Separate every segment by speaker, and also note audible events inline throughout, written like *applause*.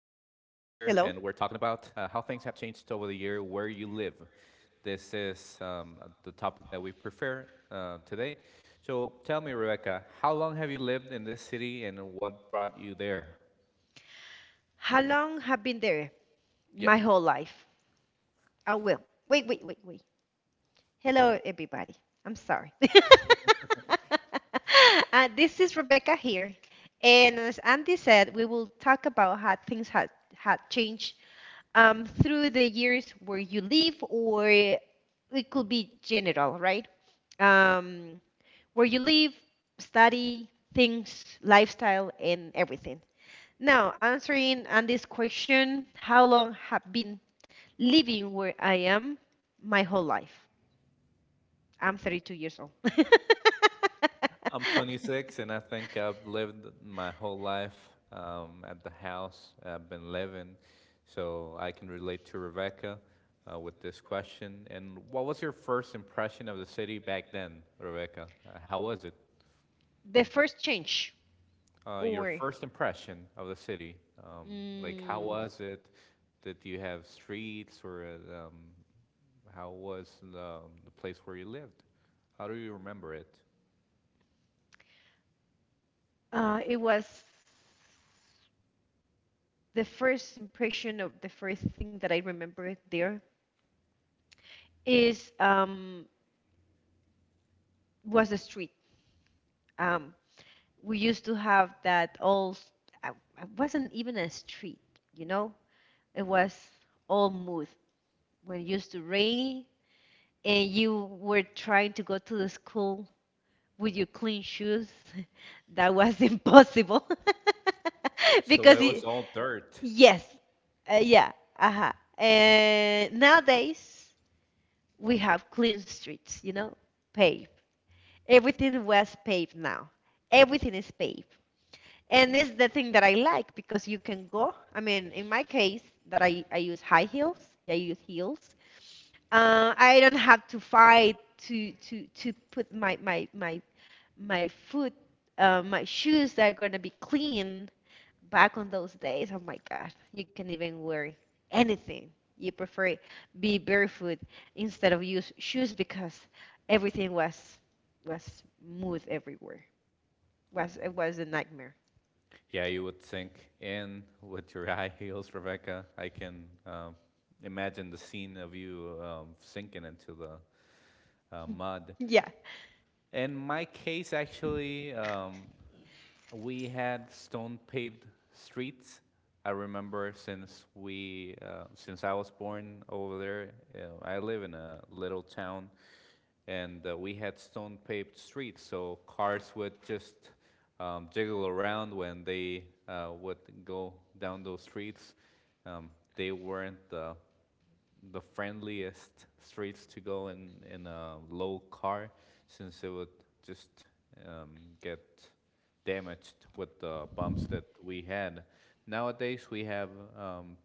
Speaker 1: talking about how things have changed over the year where you live. This is the topic that we prefer today. So tell me, Rebecca, how long have you lived in this city, and what brought you there?
Speaker 2: How long have been there?
Speaker 1: Yeah.
Speaker 2: My whole life. Oh well. Wait, wait, wait, wait. Hello, everybody. I'm sorry. *laughs* This is Rebecca here, and as Andy said, we will talk about how things had changed through the years where you live, or it could be general, right? Um, where you live, study, things, lifestyle, and everything. Now, answering on this question, how long have been living where I am? My whole life. I'm 32 years old.
Speaker 1: I'm 26 and I
Speaker 2: *laughs*
Speaker 1: think I've lived my whole life at the house I've been living. So I can relate to Rebecca with this question. And what was your first impression of the city back then, Rebecca? How was it?
Speaker 2: The first change,
Speaker 1: Your
Speaker 2: or
Speaker 1: first impression of the city? Um, like, how
Speaker 2: mm,
Speaker 1: was it? Did you have streets or how was the place where you lived? How do you remember it?
Speaker 2: it was the first impression of the first thing that I remember there is was the street. Um, we used to have that old. I- It wasn't even a street, you know. It was all mud when it used to rain and you were trying to go to the school with your clean shoes. *laughs* That was impossible *laughs*
Speaker 1: So it
Speaker 2: because it,
Speaker 1: was all dirt.
Speaker 2: yes, uh, yeah, uh-huh. And nowadays we have clean streets, you know, paved. Everything was paved now. Everything is paved. And it's the thing that I like because you can go. I mean, in my case, that I use high heels, yeah, I use heels. I don't have to fight to put my foot, my shoes that are gonna be clean. Back on those days, oh my God, you can even wear anything. You prefer be barefoot instead of use shoes because everything was smooth everywhere. Was it was a nightmare.
Speaker 1: Yeah, you would sink in *laughs* with your high heels, Rebecca. I can imagine the scene of you sinking into the mud.
Speaker 2: *laughs* Yeah.
Speaker 1: In my case, actually, we had stone paved streets. I remember since I was born over there, I live in a little town, and we had stone paved streets, so cars would just jiggle around when they would go down those streets. They weren't the friendliest streets to go in a low car since it would just um, get damaged with the bumps that we had. Nowadays we have um,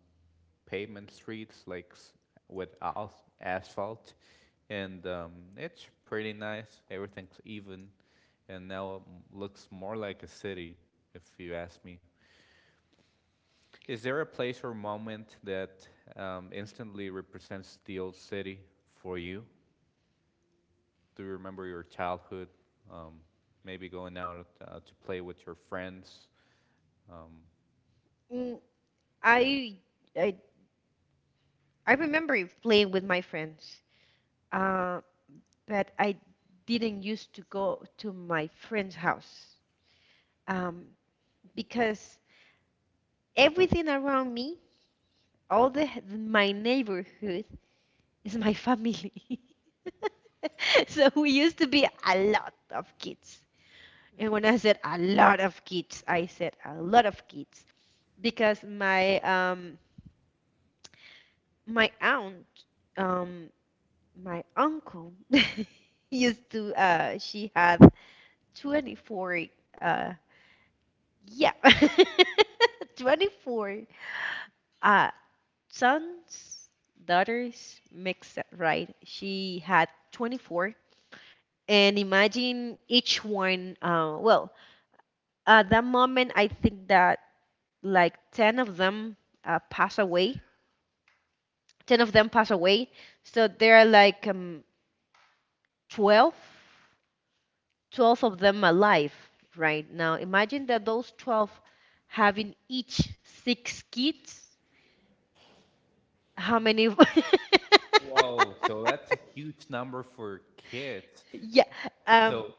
Speaker 1: pavement streets like with asphalt, and it's pretty nice. Everything's even, and now it looks more like a city, if you ask me. Is there a place or moment that instantly represents the old city for you? Do you remember your childhood? Um, maybe going out to play with your friends? Um,
Speaker 2: Mm, I I I remember playing with my friends. Uh, but I didn't used to go to my friend's house um, because everything around me, all the my neighborhood is my family. *laughs* So we used to be a lot of kids. And when I said a lot of kids, I said a lot of kids because my my aunt, um, my uncle *laughs* used to she had 24 uh, Yeah. *laughs* 24. Uh, sons, daughters, mixed, right? She had 24. And imagine each one, well, at that moment, I think that like 10 of them pass away. 10 of them pass away. So there are like 12, 12 of them alive right now. Imagine that those 12 having each 6 kids. How many?
Speaker 1: Whoa, so that's a
Speaker 2: *laughs*
Speaker 1: huge number for kids.
Speaker 2: Yeah. Um,
Speaker 1: So,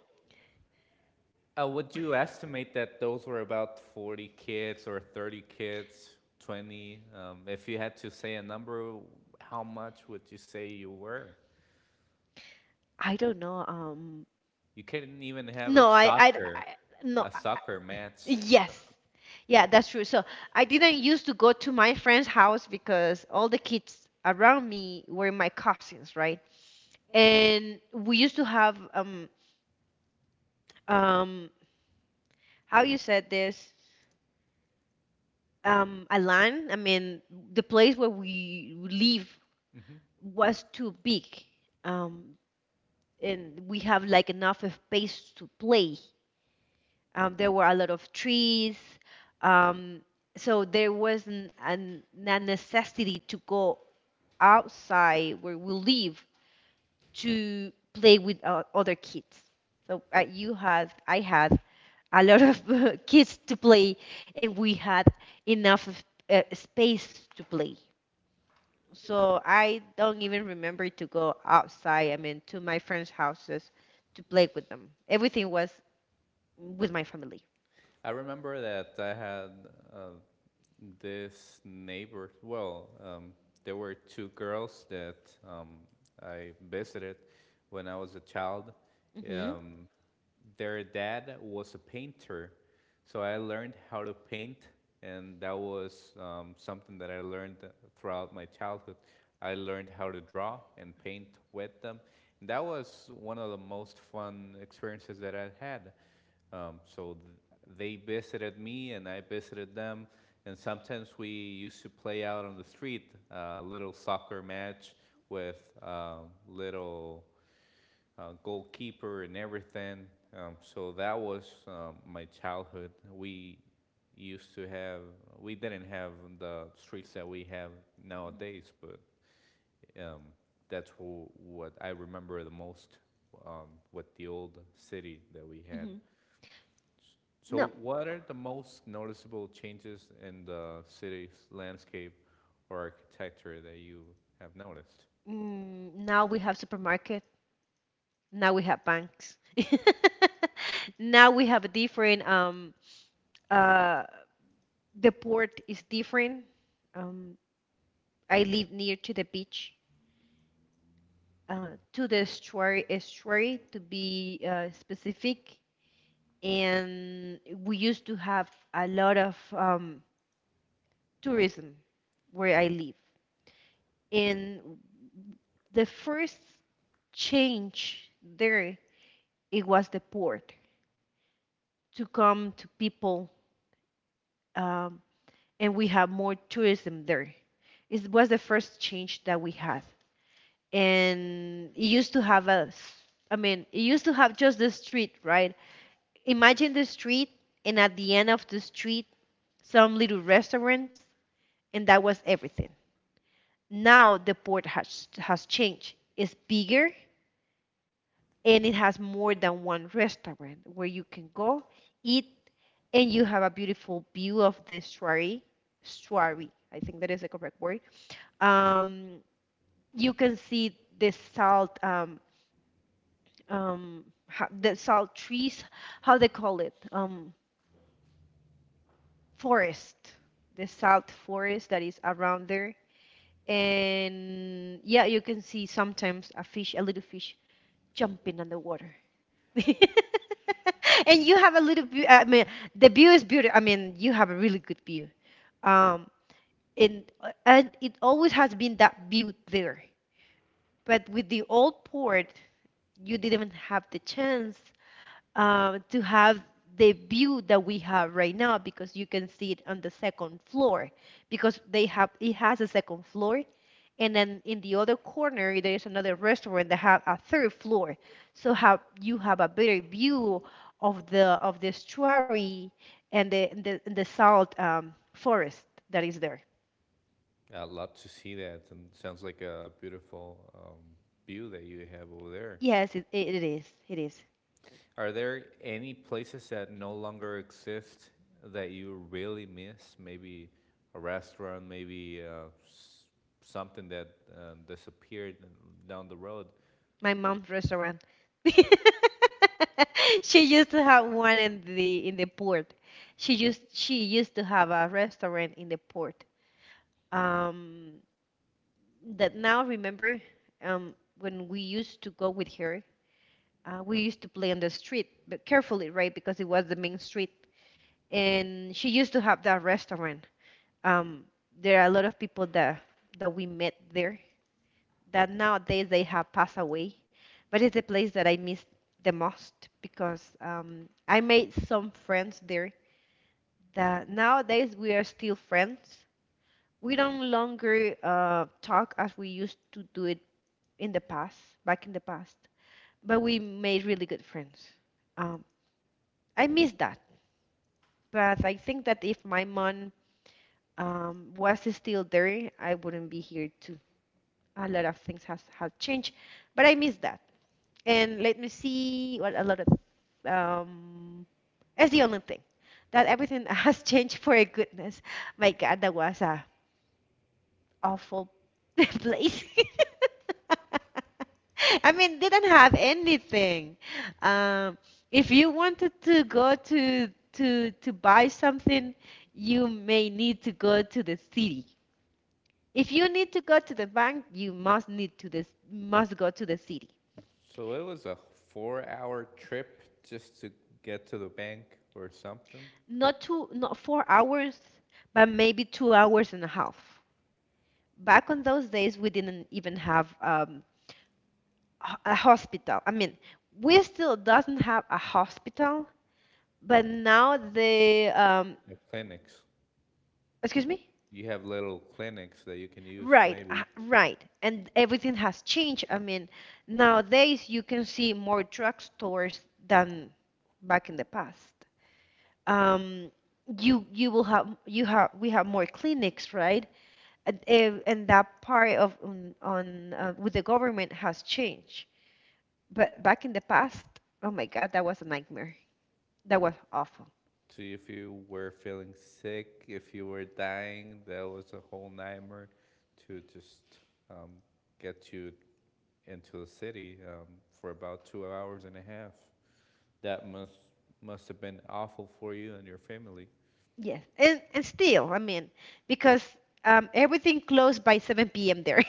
Speaker 1: would you estimate that those were about 40 kids or 30 kids, 20? If you had to say a number, how much would you say you were?
Speaker 2: I don't know.
Speaker 1: You couldn't even have a
Speaker 2: No, I
Speaker 1: soccer
Speaker 2: no.
Speaker 1: a soccer
Speaker 2: I-
Speaker 1: match.
Speaker 2: yes. Yeah, that's true. So I didn't used to go to my friend's house because all the kids around me were my cousins, right? And we used to have um how you said this, a land. I mean the place where we live
Speaker 1: Mm-hmm.
Speaker 2: was too big, um, and we have like enough of space to play. There were a lot of trees, um, so there wasn't a necessity to go outside where we live to play with other kids. So I had a lot of *laughs* kids to play, and we had enough of, space to play. So I don't even remember to go outside. I mean, to my friends' houses to play with them. Everything was with my family.
Speaker 1: I remember that I had uh, this neighbor. Well, there were two girls that I visited when I was a child.
Speaker 2: hmm
Speaker 1: Um, their dad was a painter, so I learned how to paint, and that was something that I learned throughout my childhood. I learned how to draw and paint with them. And that was one of the most fun experiences that I had. So they visited me, and I visited them. And sometimes we used to play out on the street, a little soccer match with little goalkeeper and everything. So that was my childhood. Used to have, we didn't have the streets that we have nowadays, but um, that's what I remember the most um, with the old city that we had.
Speaker 2: hmm No,
Speaker 1: So, what are the most noticeable changes in the city's landscape or architecture that you have noticed?
Speaker 2: now we have supermarket. Now we have banks. *laughs* Now we have a different uh the port is different. Um, I live near to the beach, to the estuary to be specific. And we used to have a lot of tourism where I live. And the first change there, it was the port to come to people, um, and we have more tourism there. It was the first change that we had, and it used to have I mean, it used to have just the street, right? Imagine the street, and at the end of the street, some little restaurants, and that was everything. Now the port has changed. It's bigger and it has more than one restaurant where you can go eat and you have a beautiful view of the estuary. Estuary, I think that is the correct word. Um, you can see the salt, um, the salt trees, how they call it, forest, the salt forest that is around there. And yeah, you can see sometimes a fish, a little fish, jumping on the water. *laughs* And you have a little view. I mean, the view is beautiful. I mean, you have a really good view. Um, and and it always has been that view there. But with the old port, you didn't have the chance to have the view that we have right now because you can see it on the second floor because they have it has a second floor, and then in the other corner there is another restaurant that have a third floor, so have you have a better view of the estuary and the salt forest that is there.
Speaker 1: I'd love to see that, and sounds like a beautiful view that you have over there. Yes.
Speaker 2: Yes, it is
Speaker 1: Are there any places that no longer exist that you really miss? Maybe a restaurant, maybe something that disappeared down the road.
Speaker 2: my mom's restaurant. *laughs* She used to have one in the port. She used to have a restaurant in the port. Um, that now Remember when we used to go with her, we used to play on the street, but carefully, right? Because it was the main street, and she used to have that restaurant. Um, there are a lot of people that we met there that nowadays they have passed away, but it's the place that I miss the most because I made some friends there that nowadays we are still friends. We don't longer talk as we used to do it in the past, back in the past, but we made really good friends. Um, I miss that, but I think that if my mom was still there, I wouldn't be here too. A lot of things has have changed, but I miss that. And let me see what a lot of um that's the only thing that everything *laughs* has changed for a goodness. My God, that was a awful *laughs* place. *laughs* I mean, didn't have anything. Um, if you wanted to go to buy something, you may need to go to the city. If you need to go to the bank, you must need to this must go to the city.
Speaker 1: So it was a 4-hour trip just to get to the bank or something.
Speaker 2: Not two, not 4 hours, but maybe 2 hours and a half. Back on those days, we didn't even have a hospital. I mean, we still doesn't have a hospital, but now the
Speaker 1: The clinics.
Speaker 2: excuse me.
Speaker 1: You have little clinics that you can use,
Speaker 2: Right,
Speaker 1: maybe.
Speaker 2: right, and everything has changed. I mean, nowadays you can see more drugstores than back in the past. Um, you have we have more clinics, right? And that part of on with the government has changed. But back in the past, oh my God, that was a nightmare. That was awful.
Speaker 1: So if you were feeling sick, if you were dying, that was a whole nightmare to just um, get you into the city for about 2 hours and a half. That must have been awful for you and your family.
Speaker 2: Yes, and still, I mean, because everything closed by 7 p.m. there.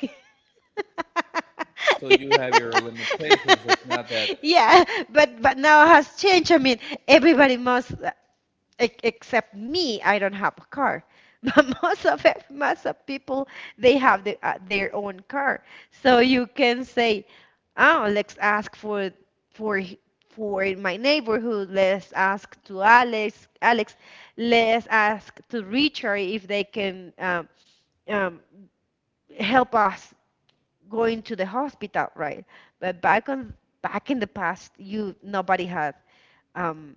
Speaker 1: So you have your limitations.
Speaker 2: *laughs*
Speaker 1: It's not that
Speaker 2: Yeah, but now it has changed. I mean, everybody must. Except me, I don't have a car. *laughs* But most of it, most of people, they have the, their own car. So you can say, oh, let's ask for for h- in my neighborhood. Let's ask to Alex, Alex. Let's ask to Richard if they can um, help us going to the hospital, right? But back in the past, you nobody had um,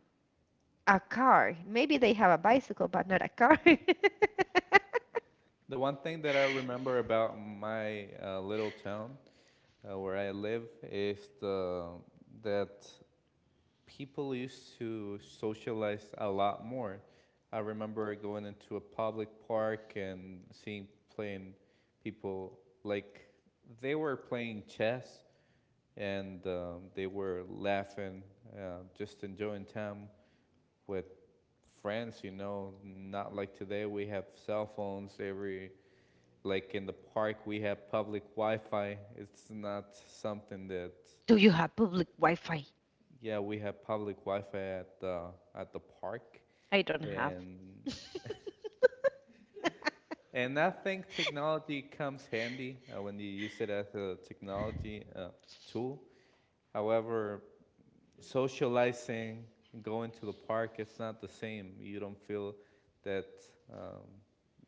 Speaker 2: a car. Maybe they have a bicycle, but not a car. *laughs*
Speaker 1: the one thing that I remember about my little town where I live is the that people used to socialize a lot more. I remember going into a public park and seeing playing people like they were playing chess and they were laughing, just enjoying time with friends. Not like today we have cell phones. Every Like in the park we have public Wi-Fi. It's not something that,
Speaker 2: Do you have public Wi-Fi?
Speaker 1: yeah, we have public Wi-Fi at the park,
Speaker 2: I don't have.
Speaker 1: and and I think technology comes handy when you use it as a technology tool. However, socializing, going to the park, it's not the same. You don't feel that um,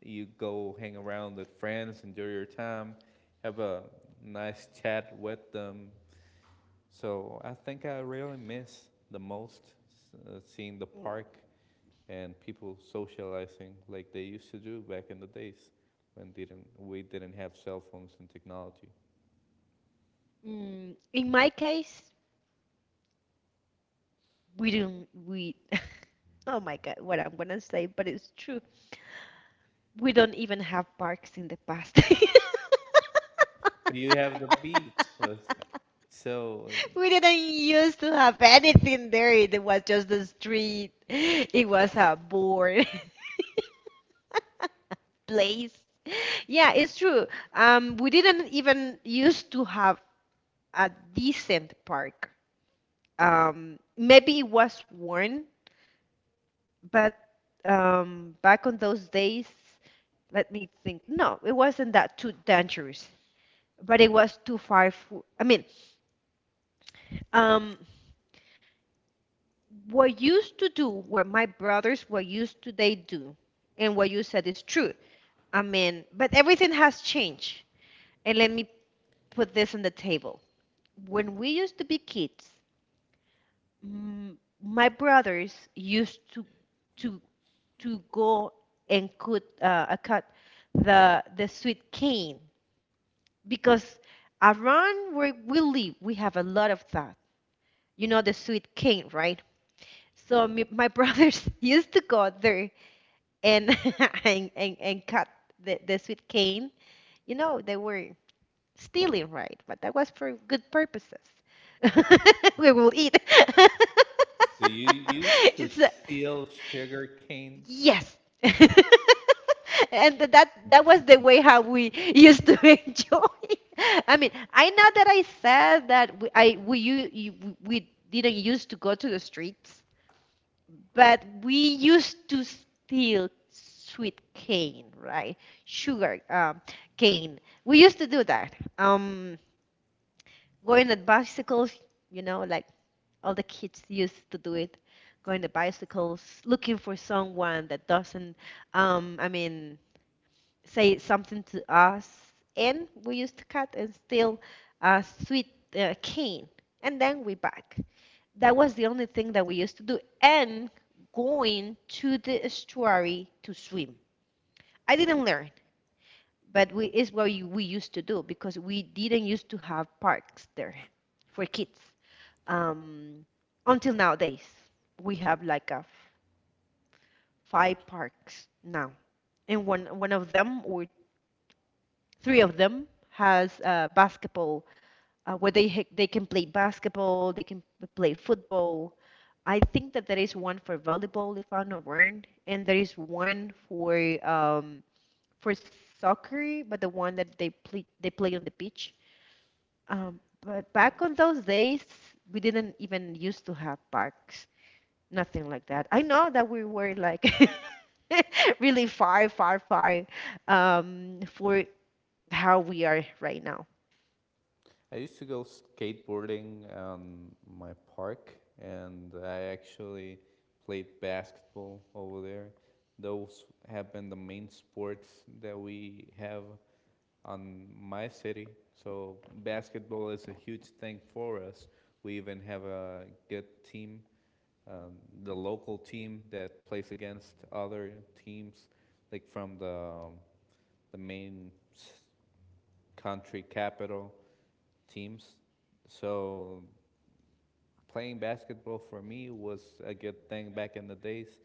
Speaker 1: you go hang around with friends, enjoy your time, have a nice chat with them. So I think I really miss the most seeing the park and people socializing like they used to do back in the days when didn't we didn't have cell phones and technology.
Speaker 2: Mm, in my case, we don't. We *laughs* oh my god, what I'm gonna say, but it's true. We don't even have parks in the past.
Speaker 1: But you have the beach. It so
Speaker 2: *laughs* We didn't used to have anything there. It was just the street. It was a bored *laughs* place. Yeah, it's true. We didn't even used to have a decent park. Maybe it was worn, but back on those days, let me think. No, it wasn't that too dangerous, but it was too far. For, I mean, um, what used to do were my brothers, what used to they do, and what you said is true. I mean, but everything has changed. And let me put this on the table. When we used to be kids, mm, my brothers used to to go and cut, cut the sweet cane because around where we live we have a lot of that, you know, the sweet cane, right? So me, my brothers *laughs* used to go there and *laughs* and cut the sweet cane, you know, they were stealing, right? But that was for good purposes. *laughs* We will eat. *laughs*
Speaker 1: So you used to
Speaker 2: It's a-
Speaker 1: steal sugar cane.
Speaker 2: Yes. *laughs* And that was the way how we used to *laughs* enjoy. I mean, I know that I said that we, I we you, you we didn't used to go to the streets, but we used to steal sweet cane, right? Sugar cane. We used to do that. Um, Going at bicycles, like all the kids used to do it, going to bicycles, looking for someone that doesn't, I mean, say something to us. And we used to cut and steal a sweet cane, and then we back. That was the only thing that we used to do. And going to the estuary to swim. I didn't learn, but we is what we used to do because we didn't used to have parks there for kids um, until nowadays. We have like a five parks now, and one of them or three of them has basketball where they they can play basketball, they can play football. I think that there is one for volleyball, if I'm not wrong, and there is one um, for soccer, but the one that they play on the beach. But back on those days, we didn't even used to have parks, nothing like that. I know that we were like *laughs* really far, far, far for how we are right now.
Speaker 1: I used to go skateboarding on my park, and I actually played basketball over there. Those have been the main sports that we have on my city. So basketball is a huge thing for us. We even have a good team, um, the local team that plays against other teams, like from the main country capital teams. So playing basketball for me was a good thing back in the days.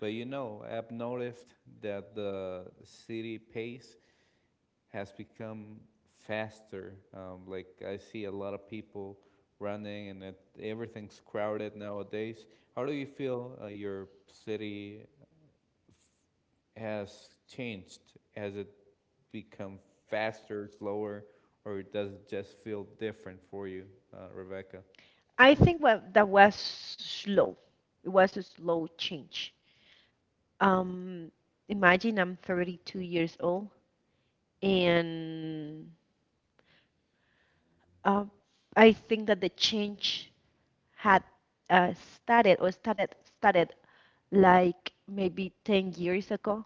Speaker 1: But I've noticed that the city pace has become faster. Like I see a lot of people running, and everything's crowded nowadays. How do you feel your city has changed? Has it become faster, slower, or does it just feel different for you, Rebecca?
Speaker 2: I think what that was slow. It was a slow change. Um, Imagine I'm 32 years old, and uh, I think that the change had started or started started like maybe 10 years ago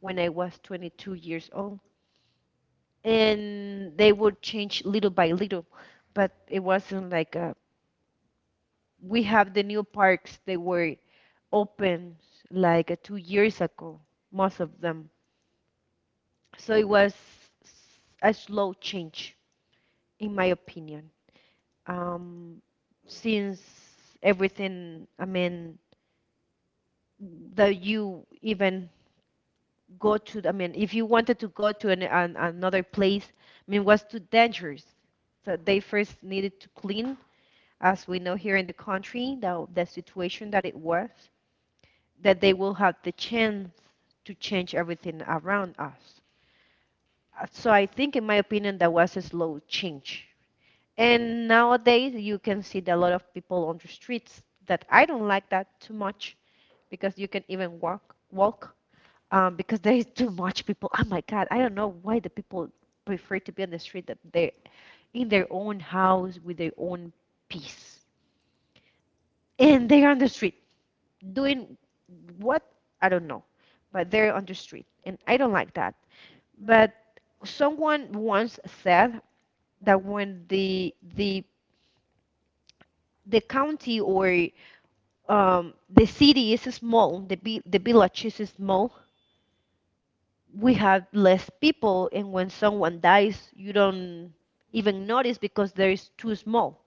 Speaker 2: when I was 22 years old. And they would change little by little. But it wasn't like we have the new parks they were open like 2 years ago, most of them. So it was a slow change, in my opinion. Um, since everything, I mean, that you even go to, I mean, if you wanted to go to another place, I mean, was too dangerous. So they first needed to clean as we know here in the country, the situation that it was, that they will have the chance to change everything around us. So I think, in my opinion, that was a slow change. And nowadays, you can see that a lot of people on the streets that I don't like that too much because you can even walk, because there is too much people. Oh my God, I don't know why the people prefer to be on the street that they're in their own house with their own peace. And they are on the street, doing what I don't know, but they're on the street, and I don't like that. But someone once said that when the county or the city is small, the the village is small, we have less people, and when someone dies, you don't even notice because there is too small.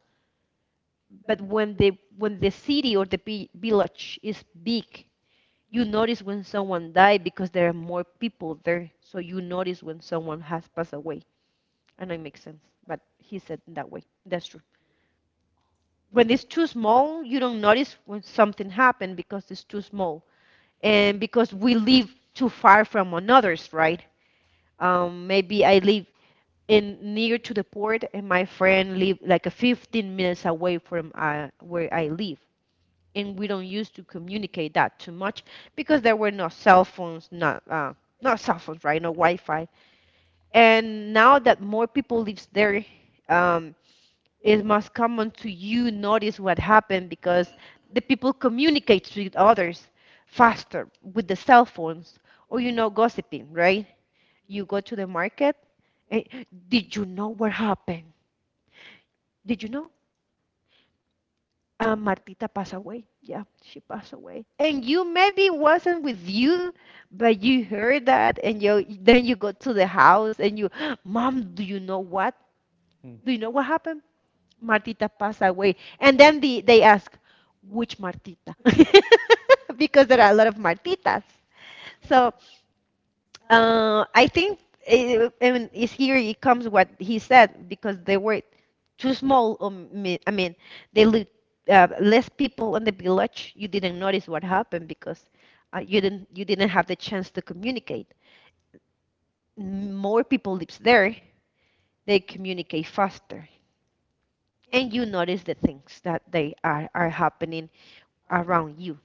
Speaker 2: But when the city or the village is big. You notice when someone died because there are more people there, so you notice when someone has passed away. I know it makes sense, but he said in that way. That's true. When it's too small, you don't notice when something happened because it's too small, and because we live too far from others, right? Maybe I live in near to the port, and my friend live like a 15 minutes away from where I live, and we don't used to communicate that too much because there were no cell phones, not cell phones, right? No Wi-Fi. And now that more people lives there, um, it must come on to you notice what happened because the people communicate with others faster with the cell phones or gossiping, right? You go to the market. eh, did you know what happened? Did you know? Martita passed away. Yeah, she passed away. And you maybe wasn't with you, but you heard that, and you then you go to the house and you, Mom, do you know what?
Speaker 1: Hmm.
Speaker 2: Do you know what happened? Martita passed away. And then they ask, which Martita? *laughs* Because there are a lot of Martitas. So I think it, and it's here it comes what he said because they were too small. I mean, they look less people in the village. You didn't notice what happened because you didn't have the chance to communicate. More people lives there. They communicate faster, and you notice the things that they are happening around you.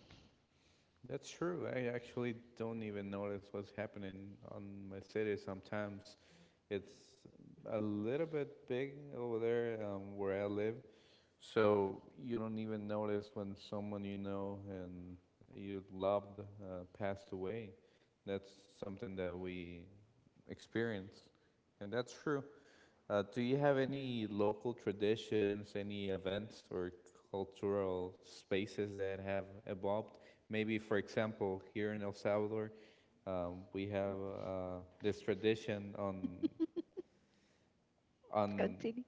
Speaker 1: That's true. I actually don't even notice what's happening on my city sometimes. It's a little bit big over there where I live, so you don't even notice when someone you know and you loved passed away. That's something that we experience, and that's true. Do you have any local traditions, any events or cultural spaces that have evolved? Maybe, for example, here in El Salvador, we have this tradition on
Speaker 2: Continue.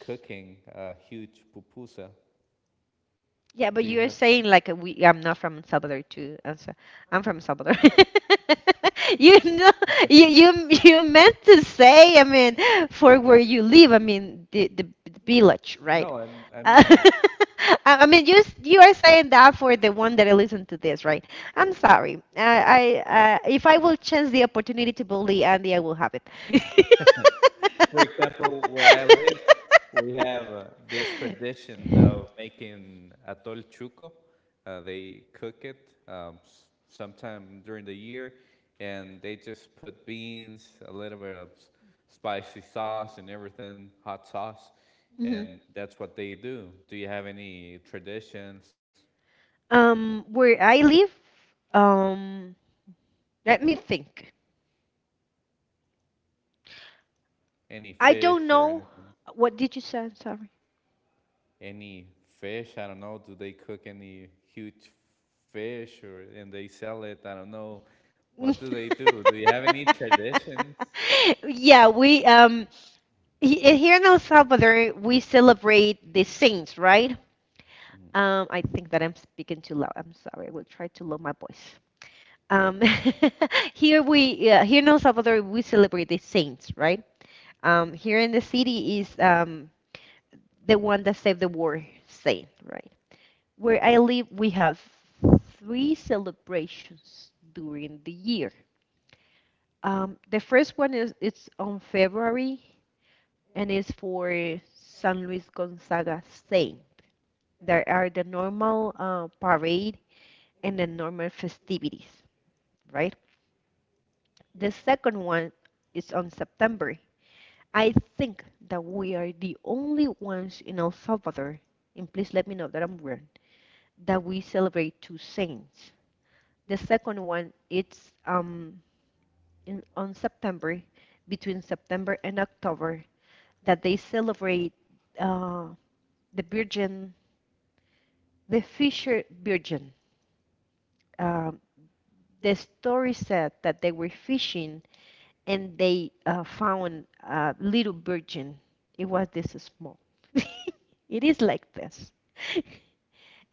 Speaker 1: cooking a huge pupusa.
Speaker 2: Yeah,
Speaker 1: Do
Speaker 2: but
Speaker 1: you
Speaker 2: you are
Speaker 1: have some?
Speaker 2: saying like we. I'm not from El Salvador too. I'm I'm from El Salvador. *laughs* You know, you meant to say. I mean, for where you live. I mean, the village, right?
Speaker 1: No, I, I
Speaker 2: Uh,
Speaker 1: mean
Speaker 2: *laughs* I mean, you are saying that for the one that I listen to this, right? I'm sorry. I If I will chance the opportunity to bully Andy, I will have it. *laughs*
Speaker 1: for example, where I live, we have this tradition of making atol chuco. They cook it sometime during the year, and they just put beans, a little bit of spicy sauce, and everything, hot sauce, and
Speaker 2: Mhm.
Speaker 1: that's what they do. Do you have any traditions,
Speaker 2: Where I live, um, let me think.
Speaker 1: any
Speaker 2: I
Speaker 1: fish
Speaker 2: don't
Speaker 1: or
Speaker 2: know.
Speaker 1: anything?
Speaker 2: What did you say? Sorry.
Speaker 1: Any fish. I don't know. Do they cook any huge fish or and they sell it? I don't know. What do they do? Do you have any traditions?
Speaker 2: *laughs* Yeah, here in El Salvador we celebrate the saints, right?
Speaker 1: Mhm.
Speaker 2: I think that I'm speaking too loud. I'm sorry. I will try to lower my voice. Um, *laughs* here in El Salvador we celebrate the saints, right? Here in the city is the one that saved the world saint, right? Where I live, we have three celebrations during the year. The first one is it's on February, and it's for San Luis Gonzaga Saint. There are the normal parade and the normal festivities, right? The second one is on September. I think that we are the only ones in El Salvador, and please let me know that I'm wrong, that we celebrate two saints. The second one, it's on September, between September and October, that they celebrate uh, the Virgin, the Fisher Virgin. Um the story said that they were fishing and they found a little virgin. It was this small. *laughs* It is like this.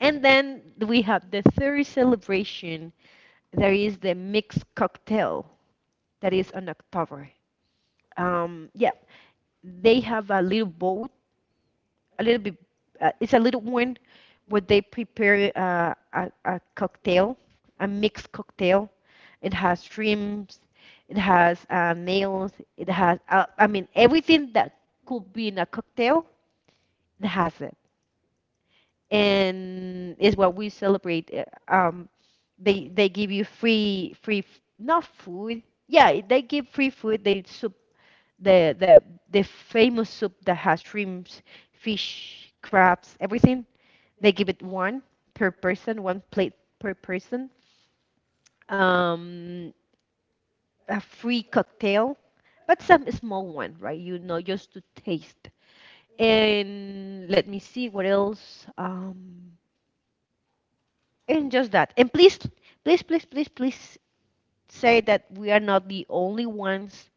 Speaker 2: And then we have the third celebration. There is the mixed cocktail that is on October. Yeah, they have a little boat, a little bit, it's a little one where they prepare a cocktail, a mixed cocktail. It has shrimps, it has nails, it has, I mean, everything that could be in a cocktail, it has it. And is what we celebrate. They give you free free f- not food. Yeah, they give free food. The the the famous soup that has shrimps, fish, crabs, everything. They give it one per person, one plate per person. Um, a free cocktail, but some small one, right? You know, just to taste. And let me see what else. And just that. And please, please, please, please, please say that we are not the only ones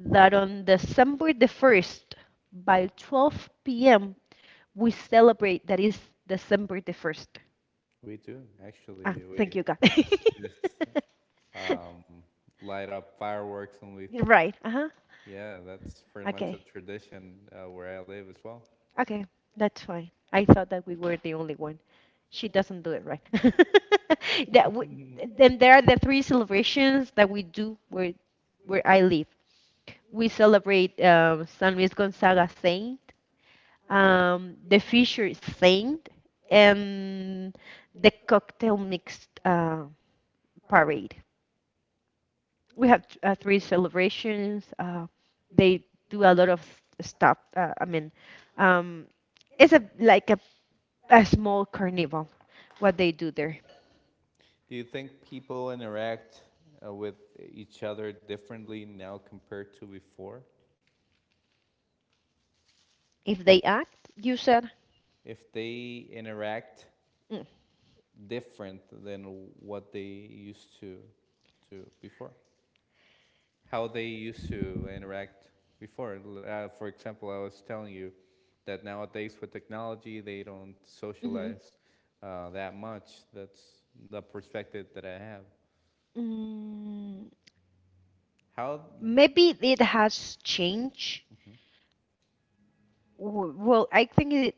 Speaker 2: that on December the first by 12 p.m. we celebrate that is December the 1st.
Speaker 1: We do
Speaker 2: Ah,
Speaker 1: actually.
Speaker 2: thank
Speaker 1: We
Speaker 2: you, God.
Speaker 1: just
Speaker 2: *laughs*
Speaker 1: um, light up fireworks and we.
Speaker 2: Right. Uh huh.
Speaker 1: Yeah, that's pretty much
Speaker 2: Okay.
Speaker 1: a tradition where I live as well.
Speaker 2: Okay. That's fine. I thought that we were the only one. She doesn't do it right. *laughs* that w-
Speaker 1: *laughs*
Speaker 2: then there are the three celebrations that we do where I live. We celebrate San Luis Gonzaga Saint, the Fisher Saint, and the cocktail mixed parade. We have three celebrations. They do a lot of stuff. I mean, um, it's a like a small carnival. What they do there?
Speaker 1: Do you think people interact with each other differently now compared to before?
Speaker 2: If they act, you said.
Speaker 1: If they interact
Speaker 2: Mm,
Speaker 1: different than what they used to do before. How they used to interact before. For example, I was telling you that nowadays with technology, they don't
Speaker 2: mhm.
Speaker 1: socialize that much. That's the perspective that I have.
Speaker 2: Mm,
Speaker 1: How
Speaker 2: Maybe it has changed. Well, I think it.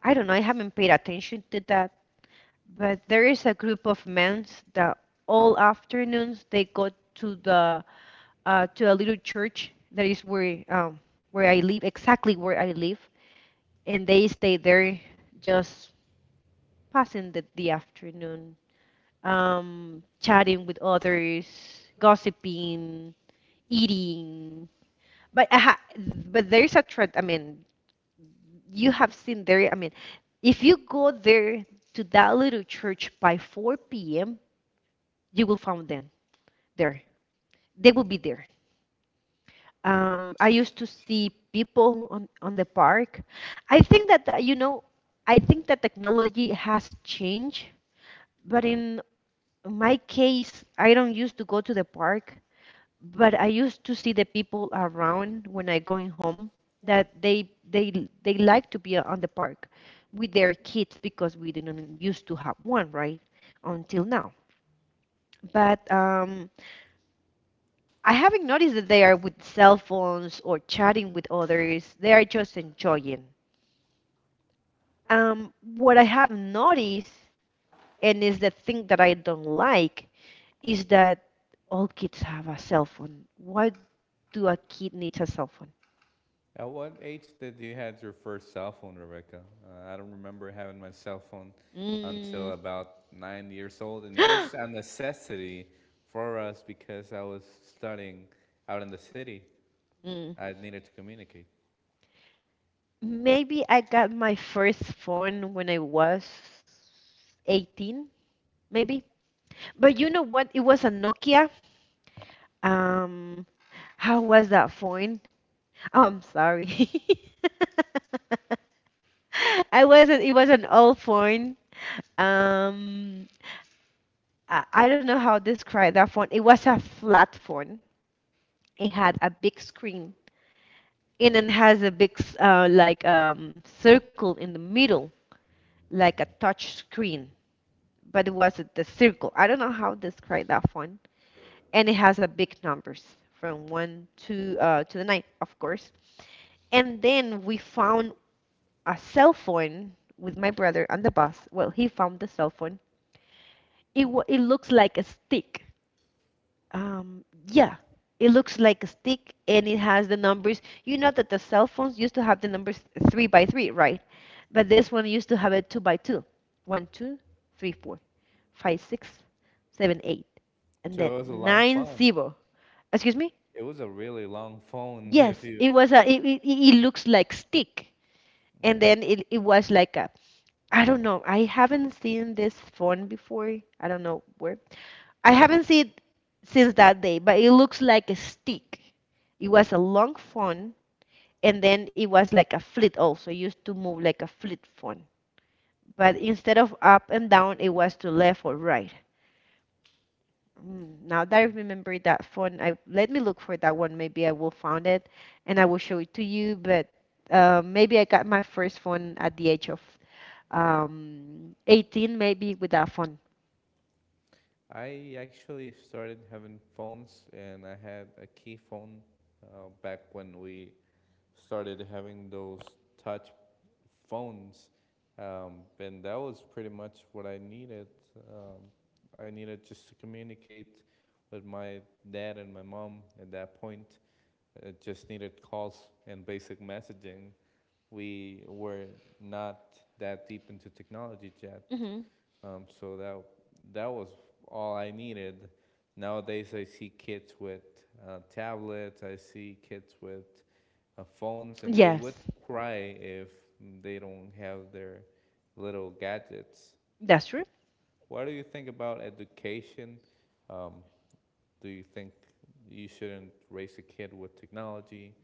Speaker 2: I don't know. I haven't paid attention to that. But there is a group of men that all afternoons they go to the to a little church that is where I live, exactly where I live, and they stay there, just passing the afternoon, chatting with others, gossiping, eating. But there's a trend. I mean, you have seen there. I mean, if you go there to that little church by 4 p.m., you will find them there. They will be there. I used to see people on the park. I think that, you know, I think that technology has changed, but in my case, I don't used to go to the park, but I used to see the people around when I going home that they like to be on the park with their kids because we didn't used to have one, right? Until now. But I haven't noticed that they are with cell phones or chatting with others. They are just enjoying. What I have noticed, and is the thing that I don't like, is that all kids have a cell phone. Why do a kid need a cell phone?
Speaker 1: At what age did you had your first cell phone, Rebecca? I don't remember having my cell phone until
Speaker 2: Mm,
Speaker 1: about 9 years old, and it was a
Speaker 2: *gasps*
Speaker 1: necessity for us because I was studying out in the city.
Speaker 2: mm.
Speaker 1: I needed to communicate,
Speaker 2: Maybe I got my first phone when I was 18, maybe. But you know what? It was a Nokia. Um, how was that phone? Oh, I'm sorry. *laughs* I wasn't. It was an old phone. Um, I don't know how to describe that phone. It was a flat phone. It had a big screen, and it has a big like circle in the middle, like a touch screen. But it was the circle. I don't know how to describe that phone. And it has a big numbers from one to the nine, of course. And then we found a cell phone with my brother on the bus. Well, he found the cell phone. It looks like a stick. Yeah, it looks like a stick, and it has the numbers. You know that the cell phones used to have the numbers three by three, right? But this one used to have it two by two. One, two, three, four, five, six, seven, eight, and then
Speaker 1: so it was a long
Speaker 2: nine
Speaker 1: phone.
Speaker 2: zero. Excuse me?
Speaker 1: It was a really long phone, *laughs* if
Speaker 2: Yes,
Speaker 1: you.
Speaker 2: it was a. It looks like stick, and
Speaker 1: Mm-hmm.
Speaker 2: then it was like a I don't know. I haven't seen this phone before. I don't know where. I haven't seen it since that day, but it looks like a stick. It was a long phone, and then it was like a flip also. It used to move like a flip phone. But instead of up and down, it was to left or right. Now that I remember that phone, I let me look for that one. Maybe I will find it, and I will show it to you. But maybe I got my first phone at the age of 18, maybe with that phone.
Speaker 1: I actually started having phones, and I had a key phone back when we started having those touch phones, and that was pretty much what I needed. Um, I needed just to communicate with my dad and my mom at that point. I just needed calls and basic messaging. We were not that deep into technology yet,
Speaker 2: Hmm,
Speaker 1: so that was all I needed. Nowadays, I see kids with tablets. I see kids with phones, and they would
Speaker 2: yes,
Speaker 1: cry if they don't have their little gadgets.
Speaker 2: that's true.
Speaker 1: What do you think about education? Um, do you think you shouldn't raise a kid with technology,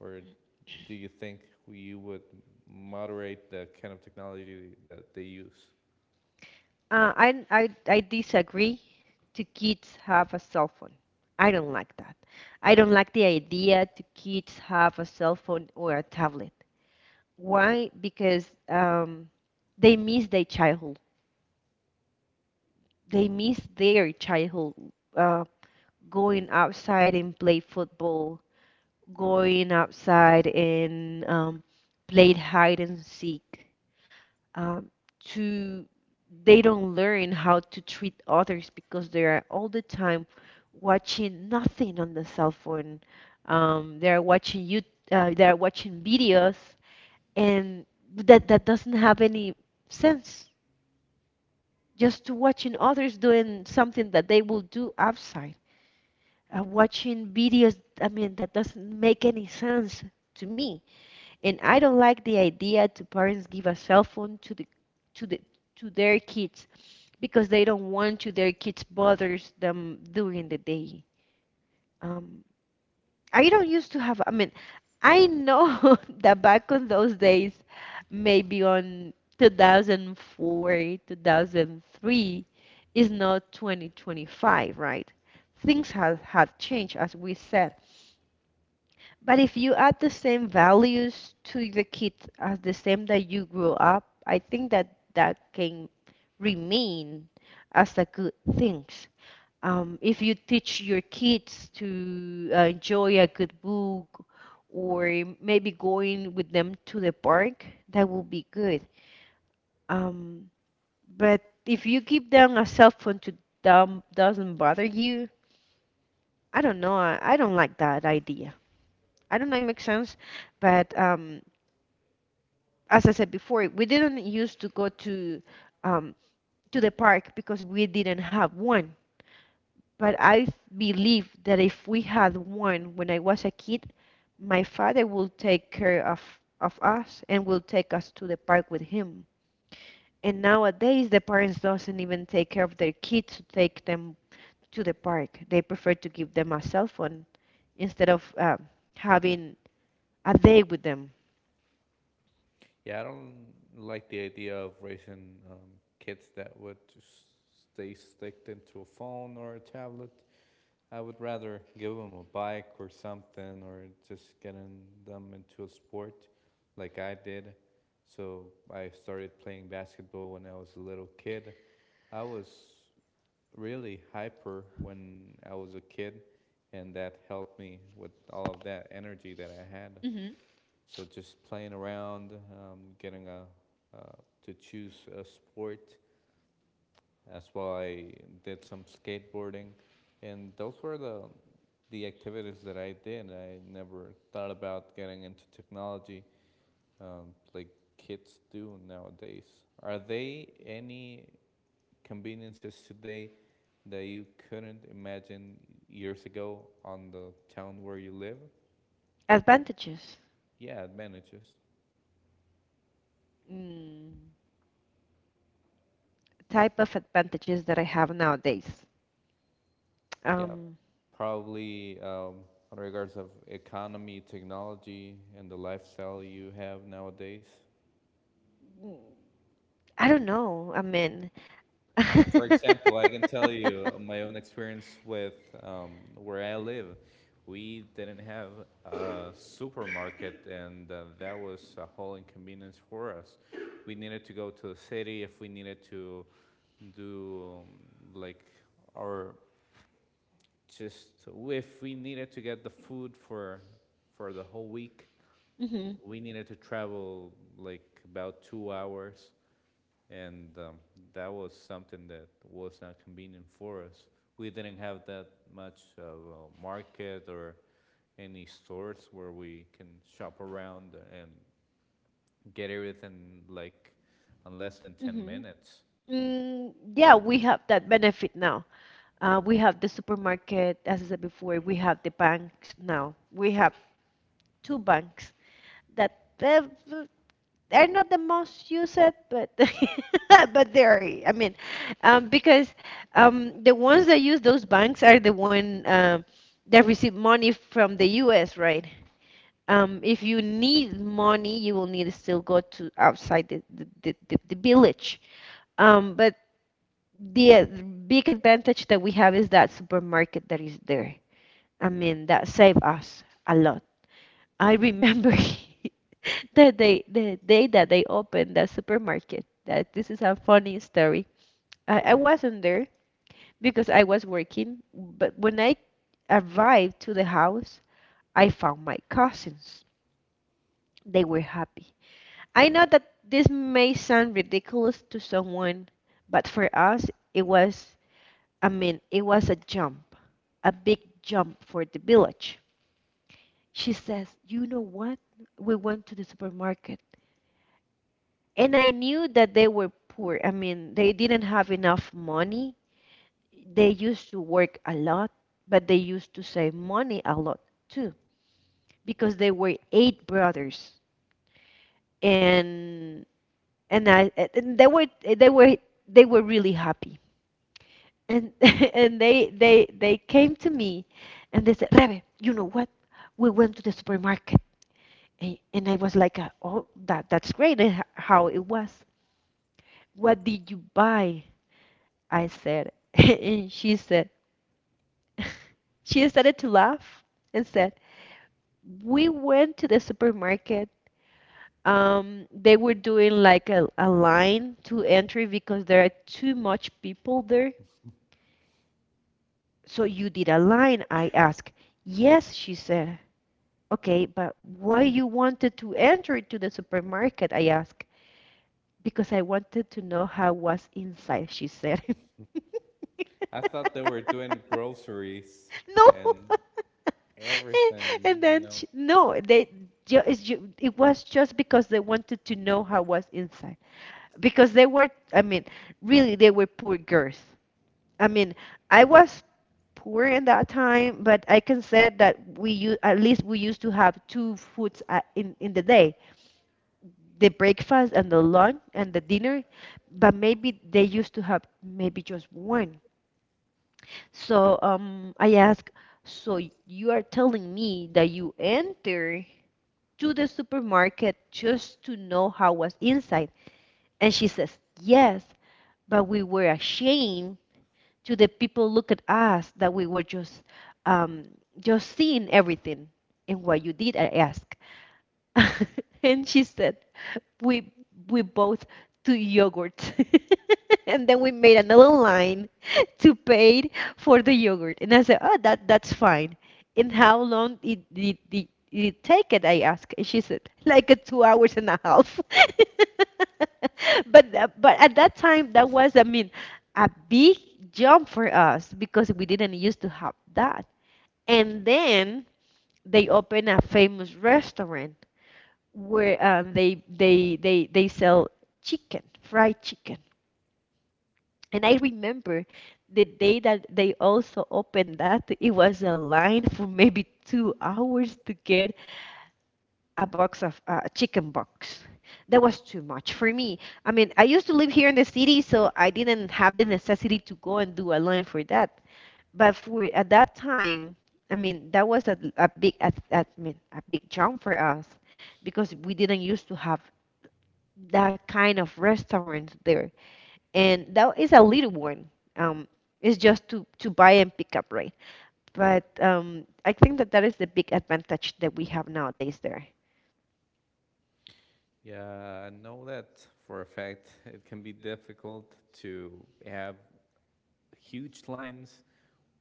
Speaker 1: or do you think you would moderate the kind of technology that they use?
Speaker 2: I disagree to kids have a cell phone. I don't like that. I don't like the idea to kids have a cell phone or a tablet. Why? Because they miss their childhood. They miss their childhood. Uh, Going outside and play football, going outside and play hide and seek. Um, to They don't learn how to treat others because they are all the time watching nothing on the cell phone. They are watching you they are watching videos, and that doesn't have any sense. Just to watching others doing something that they will do outside. Watching videos, I mean, that doesn't make any sense to me. And I don't like the idea to parents give a cell phone to the to their kids because they don't want to their kids bothers them during the day. Um, I don't used to have. I mean, I know *laughs* that back on those days, maybe on 2004, 2003, is not 2025, right? Things have had changed, as we said. But if you add the same values to the kids as the same that you grew up, I think that that can remain as a good thing. If you teach your kids to enjoy a good book or maybe going with them to the park, that will be good. Um, but if you give them a cell phone to them doesn't bother you, I don't know. I don't like that idea. I don't know if it makes sense, but as I said before, we didn't used to go um, to the park because we didn't have one. But I believe that if we had one when I was a kid, my father will take care of us and will take us to the park with him. And nowadays, the parents doesn't even take care of their kids to take them to the park. They prefer to give them a cell phone instead of having a day with them.
Speaker 1: Yeah, I don't like the idea of raising kids that would just stay sticked into a phone or a tablet. I would rather give them a bike or something, or just getting them into a sport like I did. So I started playing basketball when I was a little kid. I was really hyper when I was a kid, and that helped me with all of that energy that I had.
Speaker 2: hmm
Speaker 1: So just playing around, getting a uh, to choose a sport. That's why I did some skateboarding, and those were the activities that I did. I never thought about getting into technology like kids do nowadays. Are there any conveniences today that you couldn't imagine years ago on the town where you live?
Speaker 2: Advantages.
Speaker 1: Yeah, advantages.
Speaker 2: Mm. Type of advantages that I have nowadays.
Speaker 1: Yeah,
Speaker 2: Um,
Speaker 1: probably on regards of economy, technology, and the lifestyle you have nowadays.
Speaker 2: I don't know. I mean, *laughs*
Speaker 1: For example, I can tell you my own experience with where I live. We didn't have a supermarket, and that was a whole inconvenience for us. We needed to go to the city if we needed to do like our just if we needed to get the food for the whole week.
Speaker 2: hmm
Speaker 1: We needed to travel like about 2 hours, and that was something that was not convenient for us. We didn't have that much of a market or any stores where we can shop around and get everything like in less than 10
Speaker 2: hmm
Speaker 1: minutes.
Speaker 2: Yeah, we have that benefit now. We have the supermarket, as I said before. We have the banks now. We have two banks that they're not the most used, but *laughs* but they're. I mean, because the ones that use those banks are the one that receive money from the U.S. Right? If you need money, you will need to still go to outside the village. But the big advantage that we have is that supermarket that is there. I mean, that save us a lot. I remember *laughs* The day that they opened the supermarket. That this is a funny story. I wasn't there because I was working, but when I arrived to the house, I found my cousins. They were happy. I know that this may sound ridiculous to someone, but for us, it was, I mean, it was a jump, a big jump for the village. She says, "You know what? We went to the supermarket." And I knew that they were poor. I mean, they didn't have enough money. They used to work a lot, but they used to save money a lot too because they were eight brothers. And and they were really happy. And *laughs* and they came to me and they said, "Rebe, you know what? We went to the supermarket." And I was like, "Oh, that's great." And how it was? What did you buy? I said. *laughs* And she said, *laughs* she started to laugh and said, we went to the supermarket. They were doing like a line to entry because there are too much people there. So you did a line, I asked. Yes, she said. Okay, but why you wanted to enter to the supermarket? I asked. Because I wanted to know how was inside, she said.
Speaker 1: I thought they were doing groceries
Speaker 2: *laughs* No,
Speaker 1: and
Speaker 2: *laughs*
Speaker 1: everything,
Speaker 2: and
Speaker 1: you
Speaker 2: then
Speaker 1: know.
Speaker 2: no, they ju- it's ju- it was just because they wanted to know how was inside because they were, I mean, really they were poor girls. I mean, I was poor in that time, but I can say that at least we used to have two foods in the day, the breakfast and the lunch and the dinner, but maybe they used to have maybe just one. So I asked, so you are telling me that you enter to the supermarket just to know how was inside? And she says, yes, but we were ashamed to the people look at us that we were um, just seeing everything, and what you did, I ask. *laughs* And she said, we we both to yogurt. *laughs* And then we made another line *laughs* to pay for the yogurt. And I said, oh, that's fine. And how long did it take it? I asked. And she said, like 2 hours and a half. *laughs* But at that time, that was, I mean, a big jump for us because we didn't used to have that. And then they opened a famous restaurant where they sell chicken, fried chicken. And I remember the day that they also opened that, it was a line for maybe 2 hours to get a box of chicken box. That was too much for me. I mean, I used to live here in the city, so I didn't have the necessity to go and do a line for that. But for at that time, I mean, that was a big, a, I mean, a big jump for us because we didn't used to have that kind of restaurants there, and that is a little one. Um, it's just to buy and pick up, right? But I think that that is the big advantage that we have nowadays there.
Speaker 1: Yeah, I know that for a fact. It can be difficult to have huge lines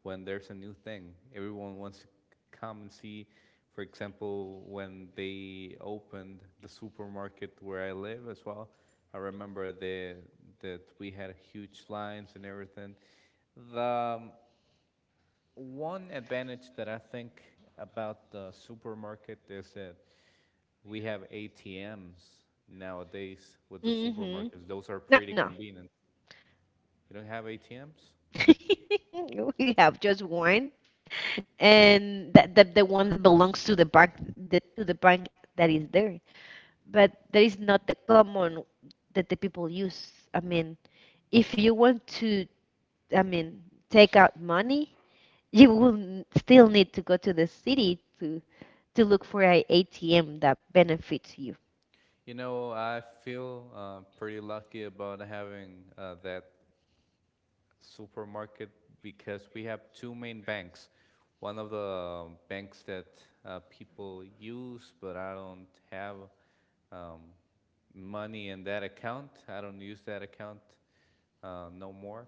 Speaker 1: when there's a new thing. Everyone wants to come and see. For example, when they opened the supermarket where I live as well, I remember the that we had huge lines and everything. The um, one advantage that I think about the supermarket is that we have ATMs nowadays with the
Speaker 2: Mm-hmm.
Speaker 1: supermarkets. Those are
Speaker 2: No,
Speaker 1: pretty
Speaker 2: no.
Speaker 1: convenient. You don't have ATMs?
Speaker 2: *laughs* We have just one, and that the one that belongs to the bank, to the bank that is there. But that is not the common that the people use. I mean, if you want to, I mean, take out money, you will still need to go to the city to look for a ATM that benefits you.
Speaker 1: I feel pretty lucky about having that supermarket because we have two main banks. One of the banks that people use, but I don't have um, money in that account. I don't use that account no more.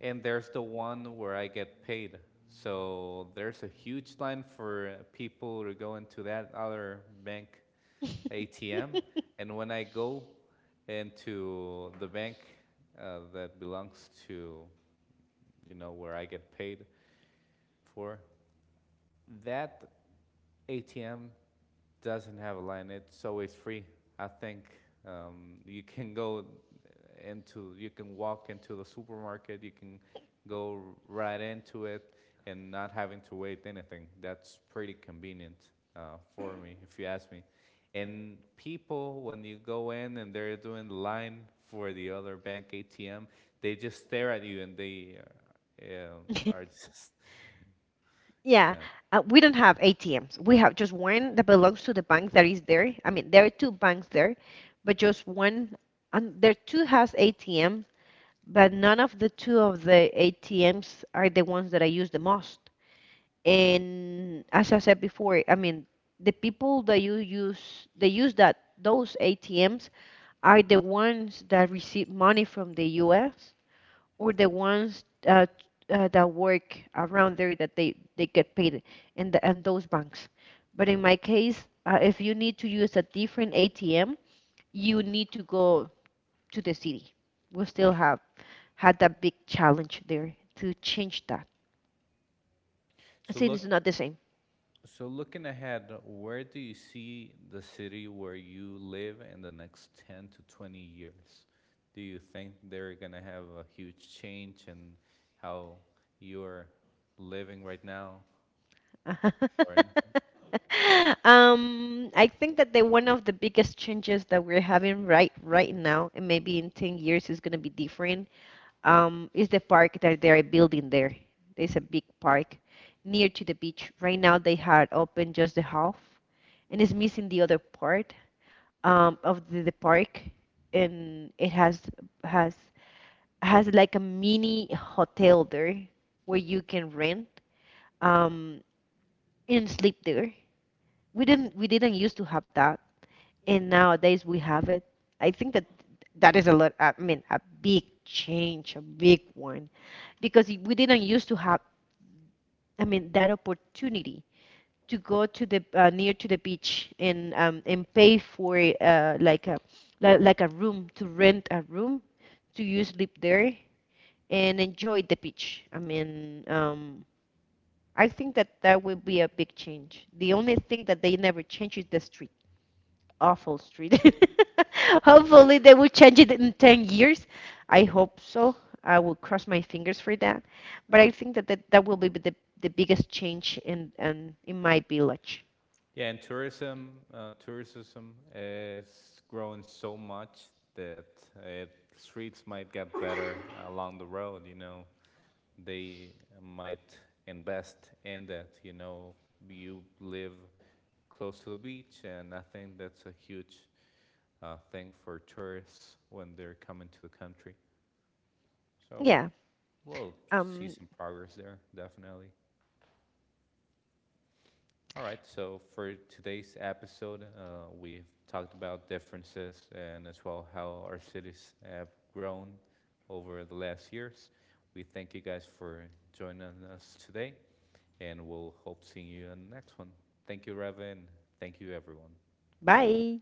Speaker 1: And there's the one where I get paid. So there's a huge line for people to go into that other bank ATM, and when I go into the bank that belongs to, where I get paid for, that ATM doesn't have a line. It's always free. I think you can you can walk into the supermarket. You can go right into it and not having to wait anything. That's pretty convenient for me, if you ask me. And people, when you go in and they're doing the line for the other bank ATM, they just stare at you and they uh, um, are *laughs*
Speaker 2: *laughs*
Speaker 1: just, yeah,
Speaker 2: Yeah,
Speaker 1: yeah.
Speaker 2: we don't have ATMs. We have just one that belongs to the bank that is there. I mean, there are two banks there, but just one, and there two has ATM, but none of the two of the ATMs are the ones that I use the most. And as I said before, I mean, the people that you use, they use that those ATMs are the ones that receive money from the US or the ones that work around there that they get paid in those banks. But in my case, if you need to use a different ATM, you need to go to the city. We still have had that big challenge there to change that
Speaker 1: So
Speaker 2: since
Speaker 1: look,
Speaker 2: it's not the same.
Speaker 1: So looking ahead, where do you see the city where you live in the next 10 to 20 years? Do you think they're going to have a huge change in how you're living right now or
Speaker 2: *laughs*
Speaker 1: anything?
Speaker 2: I think that the one of the biggest changes that we're having right now, and maybe in 10 years is going to be different, is the park that they're building there. There's a big park near to the beach. Right now they had open just the half, and it's missing the other part of the park, and it has has like a mini hotel there where you can rent um, and sleep there. We didn't used to have that, and nowadays we have it. I think that that is a lot, I mean, a big change, a big one, because we didn't used to have, I mean, that opportunity to go to the near to the beach and and pay for like like a room to rent a room to you sleep there and enjoy the beach. I mean, I think that that would be a big change. The only thing that they never change is the street, awful street. *laughs* Hopefully, they will change it in 10 years. I hope so. I will cross my fingers for that. But I think that that will be the, biggest change in my village.
Speaker 1: Yeah, and tourism is growing so much that uh, it, streets might get better along the road. They might invest in that. You live close to the beach, and I think that's a huge thing for tourists when they're coming to the country. So
Speaker 2: Yeah.
Speaker 1: we'll see
Speaker 2: Um,
Speaker 1: some progress there, definitely. All right, so for today's episode, we've talked about differences and as well how our cities have grown over the last years. We thank you guys for joining us today. And we'll hope seeing you in the next one. Thank you, Reva, and thank you, everyone.
Speaker 2: Bye.